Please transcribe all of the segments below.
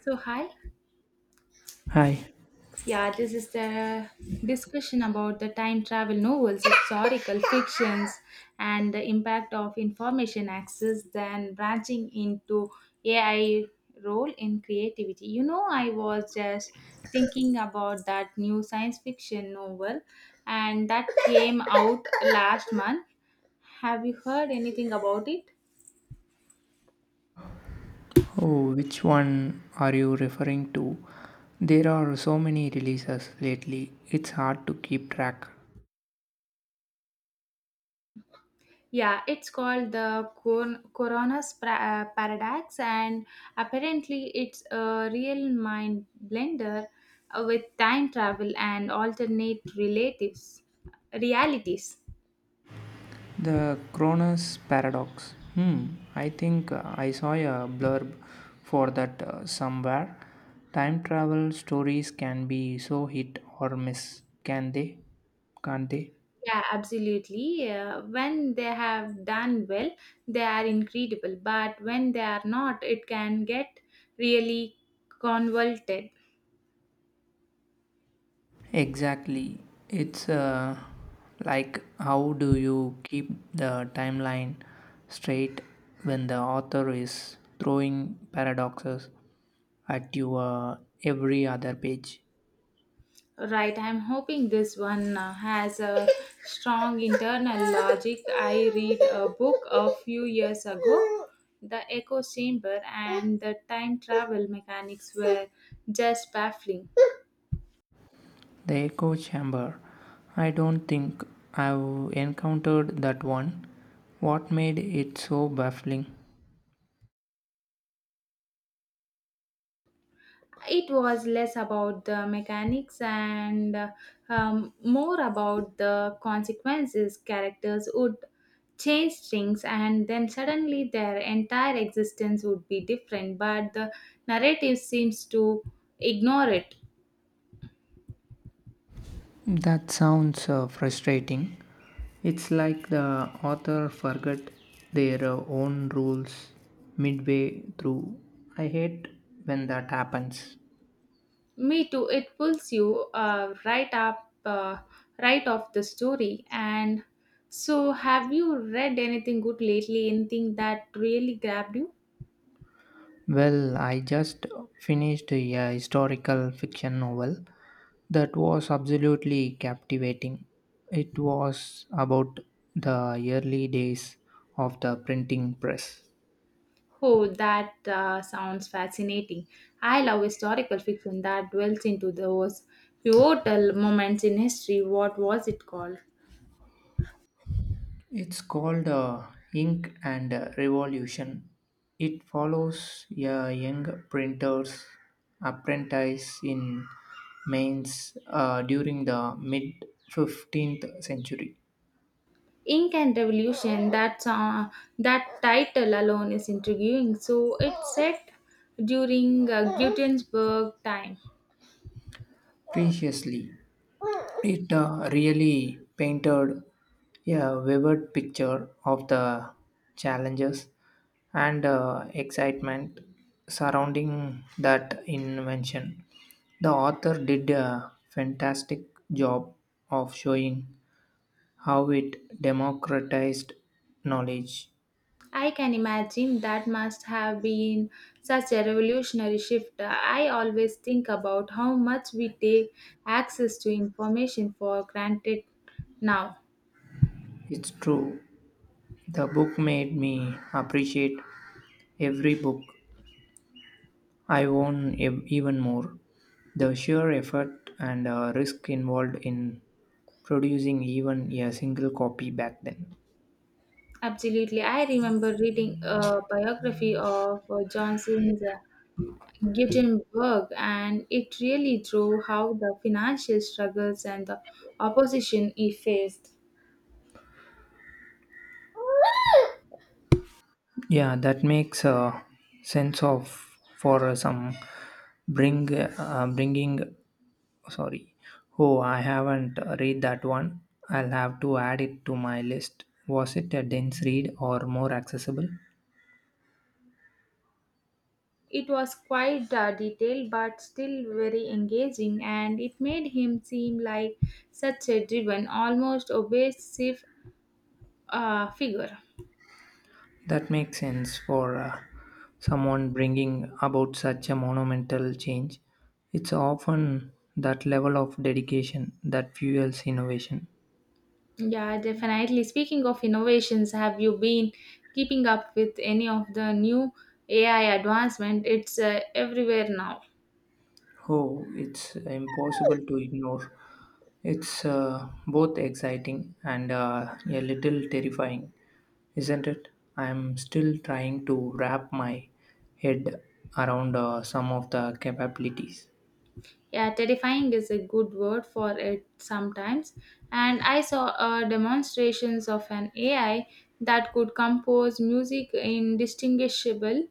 So, hi. Hi. Yeah, this is the discussion about the time travel novels, historical fictions, and the impact of information access, then branching into AI role in creativity. I was just thinking about that new science fiction novel, and that came out last month. Have you heard anything about it? Oh, which one are you referring to? There are so many releases lately, it's hard to keep track. Yeah, it's called the Corona's paradox, and apparently, it's a real mind blender with time travel and alternate relatives realities. The Cronus Paradox. Hmm, I think I saw a blurb for that somewhere. Time travel stories can be so hit or miss, Can't they? Yeah, absolutely. When they have done well, they are incredible, but when they are not, it can get really convoluted. Exactly. It's like how do you keep the timeline straight when the author is throwing paradoxes at you every other page? Right, I'm hoping this one has a strong internal logic. I read a book a few years ago. The echo chamber and the time travel mechanics were just baffling. The echo chamber. I don't think I've encountered that one. What made it so baffling? It was less about the mechanics and more about the consequences. Characters would change things, and then suddenly their entire existence would be different, but the narrative seems to ignore it. That sounds frustrating. It's like the author forgot their own rules midway through. I hate when that happens. Me too, it pulls you right off the story. And so, have you read anything good lately? Anything that really grabbed you? Well, I just finished a historical fiction novel that was absolutely captivating. It was about the early days of the printing press. Oh, that sounds fascinating. I love historical fiction that dwells into those pivotal moments in history. What was it called? It's called Ink and Revolution. It follows a young printer's apprentice in Mainz during the mid 15th century. Ink and Revolution. That title alone is intriguing. So it's set during Gutenberg time. Preciously, it really painted a vivid picture of the challenges and excitement surrounding that invention. The author did a fantastic job of showing how it democratized knowledge. I can imagine that must have been such a revolutionary shift. I always think about how much we take access to information for granted now. It's true, the book made me appreciate every book I own even more. The sheer effort and risk involved in producing even a single copy back then. Absolutely. I remember reading a biography of Johnson's Gutenberg, and it really drew how the financial struggles and the opposition he faced. Yeah, that makes a sense of for some bringing Sorry. Oh, I haven't read that one. I'll have to add it to my list. Was it a dense read or more accessible? It was quite detailed but still very engaging, and it made him seem like such a driven, almost obsessive figure. That makes sense for someone bringing about such a monumental change. It's often that level of dedication that fuels innovation. Yeah, definitely. Speaking of innovations, have you been keeping up with any of the new AI advancement? It's everywhere now. Oh, it's impossible to ignore. It's both exciting and a little terrifying, isn't it? I'm still trying to wrap my head around some of the capabilities. Yeah, terrifying is a good word for it sometimes. And I saw demonstrations of an AI that could compose music in distinguishable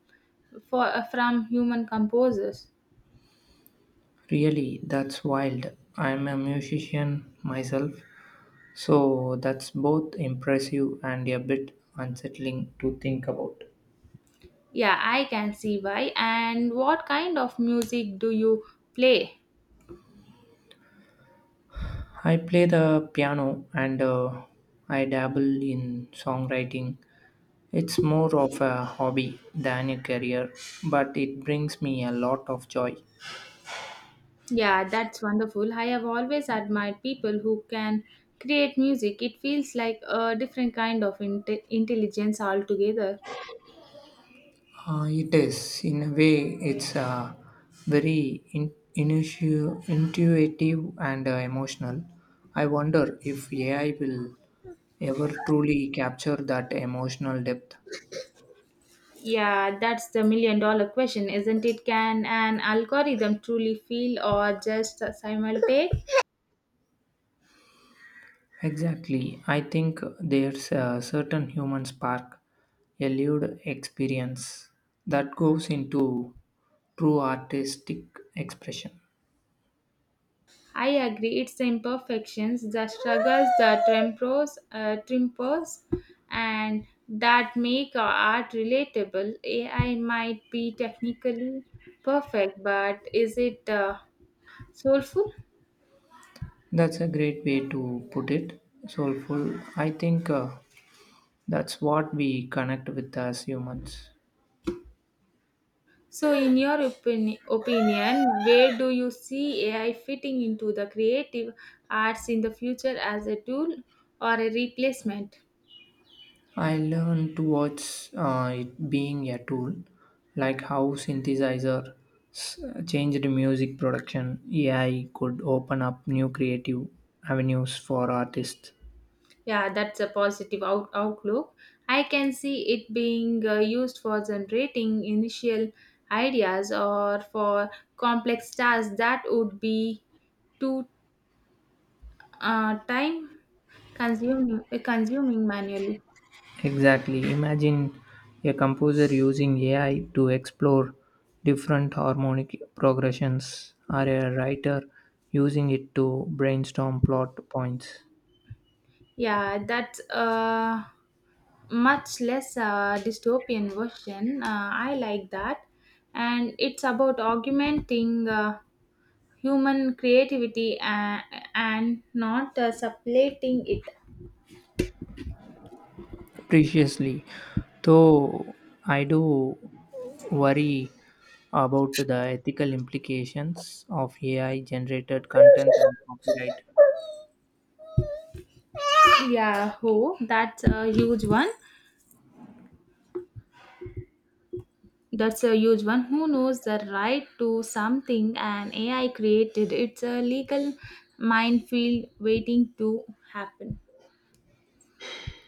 from human composers. Really, that's wild. I'm a musician myself, so that's both impressive and a bit unsettling to think about. Yeah, I can see why. And what kind of music do you play? I play the piano and I dabble in songwriting. It's more of a hobby than a career, but it brings me a lot of joy. Yeah, that's wonderful. I have always admired people who can create music. It feels like a different kind of intelligence altogether. It is, in a way, it's very intuitive and emotional. I wonder if AI will ever truly capture that emotional depth. Yeah, that's the million dollar question, isn't it? Can an algorithm truly feel or just simulate? Exactly. I think there's a certain human spark, a lived experience that goes into true artistic expression. I agree, it's the imperfections, the struggles, the tempers, and that make our art relatable. AI might be technically perfect, but is it soulful? That's a great way to put it. Soulful. I think that's what we connect with as humans. So, in your opinion, where do you see AI fitting into the creative arts in the future as a tool or a replacement? I learned towards it being a tool, like how s- changed music production. AI could open up new creative avenues for artists. Yeah, that's a positive outlook. I can see it being used for generating initial ideas or for complex tasks that would be too time consuming manually. Exactly. Imagine a composer using AI to explore different harmonic progressions, or a writer using it to brainstorm plot points Yeah, that's much less dystopian version. I like that. And it's about augmenting human creativity and not supplanting it. preciously. Though I do worry about the ethical implications of AI generated content and copyright. Yeah, who? That's a huge one. Who knows the right to something and AI created? It's a legal minefield waiting to happen.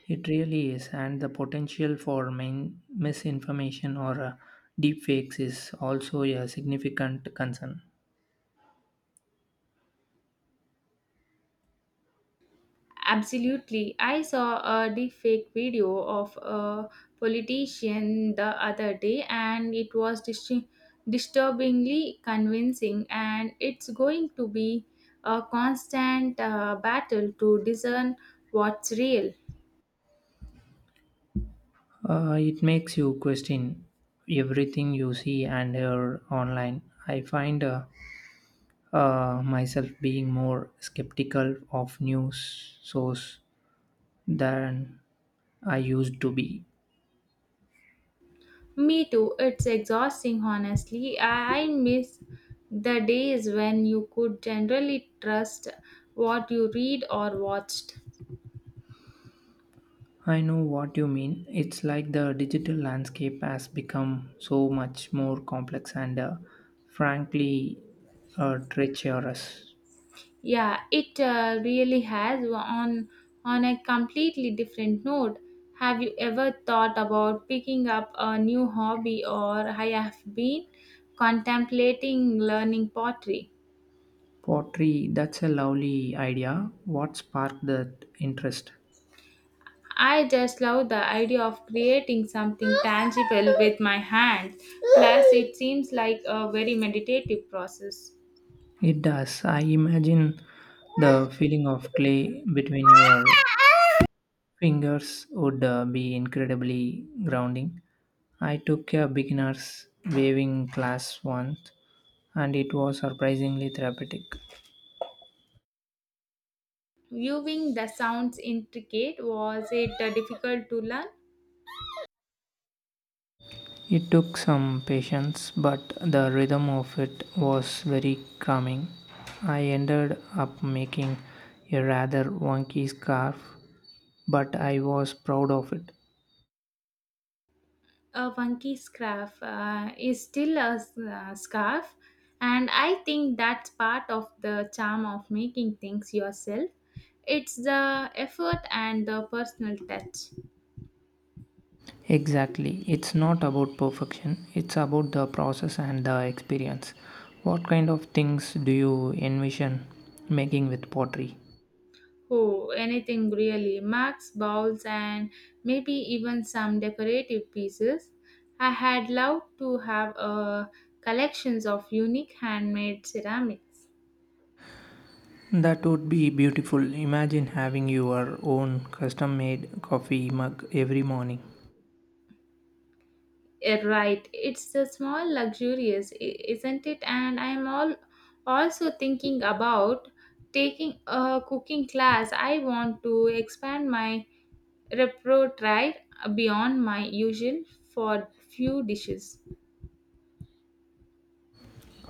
It really is, and the potential for misinformation or deepfakes is also a significant concern. Absolutely. I saw a deepfake video of a politician the other day and it was disturbingly convincing and it's going to be a constant battle to discern what's real. It makes you question everything you see and hear online. I find myself being more skeptical of news source than I used to be. Me too. It's exhausting honestly. I miss the days when you could generally trust what you read or watched. I know what you mean. It's like the digital landscape has become so much more complex and frankly treacherous. Yeah, it really has on a completely different note. Have you ever thought about picking up a new hobby or I have been contemplating learning pottery. Pottery, that's a lovely idea. What sparked that interest? I just love the idea of creating something tangible with my hands. Plus it seems like a very meditative process. It does. I imagine the feeling of clay between your fingers would be incredibly grounding. I took a beginner's waving class once and it was surprisingly therapeutic. Viewing the sounds intricate was it difficult to learn? It took some patience, but the rhythm of it was very calming. I ended up making a rather wonky scarf, but I was proud of it. A funky scarf is still a scarf, and I think that's part of the charm of making things yourself. It's the effort and the personal touch. Exactly, it's not about perfection, it's about the process and the experience. What kind of things do you envision making with pottery? Oh, anything really, marks bowls and maybe even some decorative pieces. I had loved to have a collections of unique handmade ceramics. That would be beautiful. Imagine having your own custom made coffee mug every morning. Eh, right, it's a small luxurious, isn't it? And I'm all also thinking about taking a cooking class. I want to expand my repertoire beyond my usual for few dishes.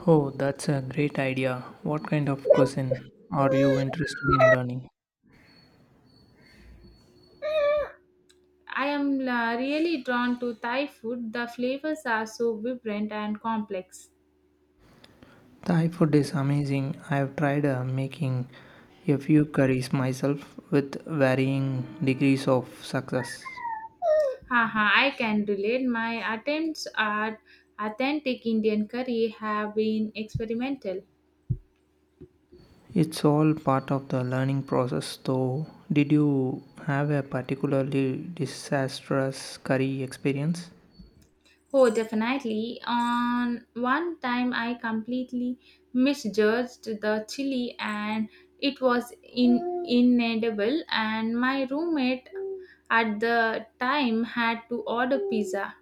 Oh, that's a great idea. What kind of cuisine are you interested in learning? I am really drawn to Thai food. The flavors are so vibrant and complex. Thai food is amazing. I've tried making a few curries myself with varying degrees of success. Haha, I can relate. My attempts at authentic Indian curry have been experimental. It's all part of the learning process, though. Did you have a particularly disastrous curry experience? Oh, definitely. On one time, I completely misjudged the chili, and it was inedible. And my roommate at the time had to order pizza.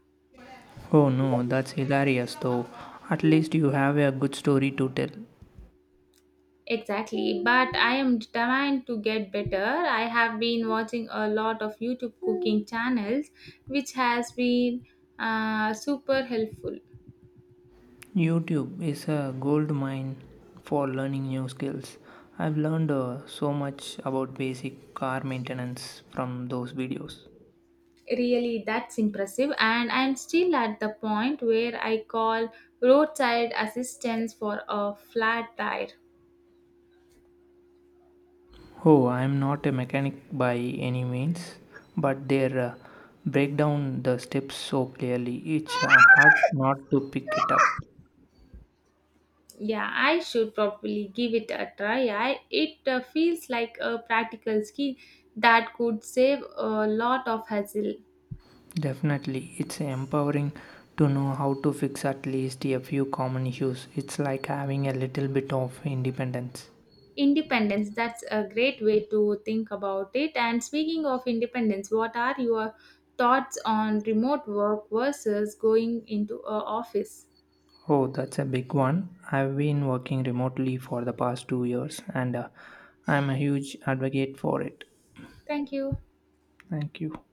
Oh no, that's hilarious, though. At least you have a good story to tell. Exactly, but I am determined to get better. I have been watching a lot of YouTube cooking channels, which has been super helpful. YouTube is a gold mine for learning new skills. I've learned so much about basic car maintenance from those videos. Really, that's impressive, and I'm still at the point where I call roadside assistance for a flat tire. Oh, I'm not a mechanic by any means, but they break down the steps so clearly. It's hard not to pick it up. Yeah, I should probably give it a try. It feels like a practical skill that could save a lot of hassle. Definitely, it's empowering to know how to fix at least a few common issues. It's like having a little bit of independence. Independence, that's a great way to think about it. And speaking of independence, what are your thoughts on remote work versus going into a office? Oh, that's a big one. I've been working remotely for the past 2 years and I'm a huge advocate for it. Thank you. Thank you.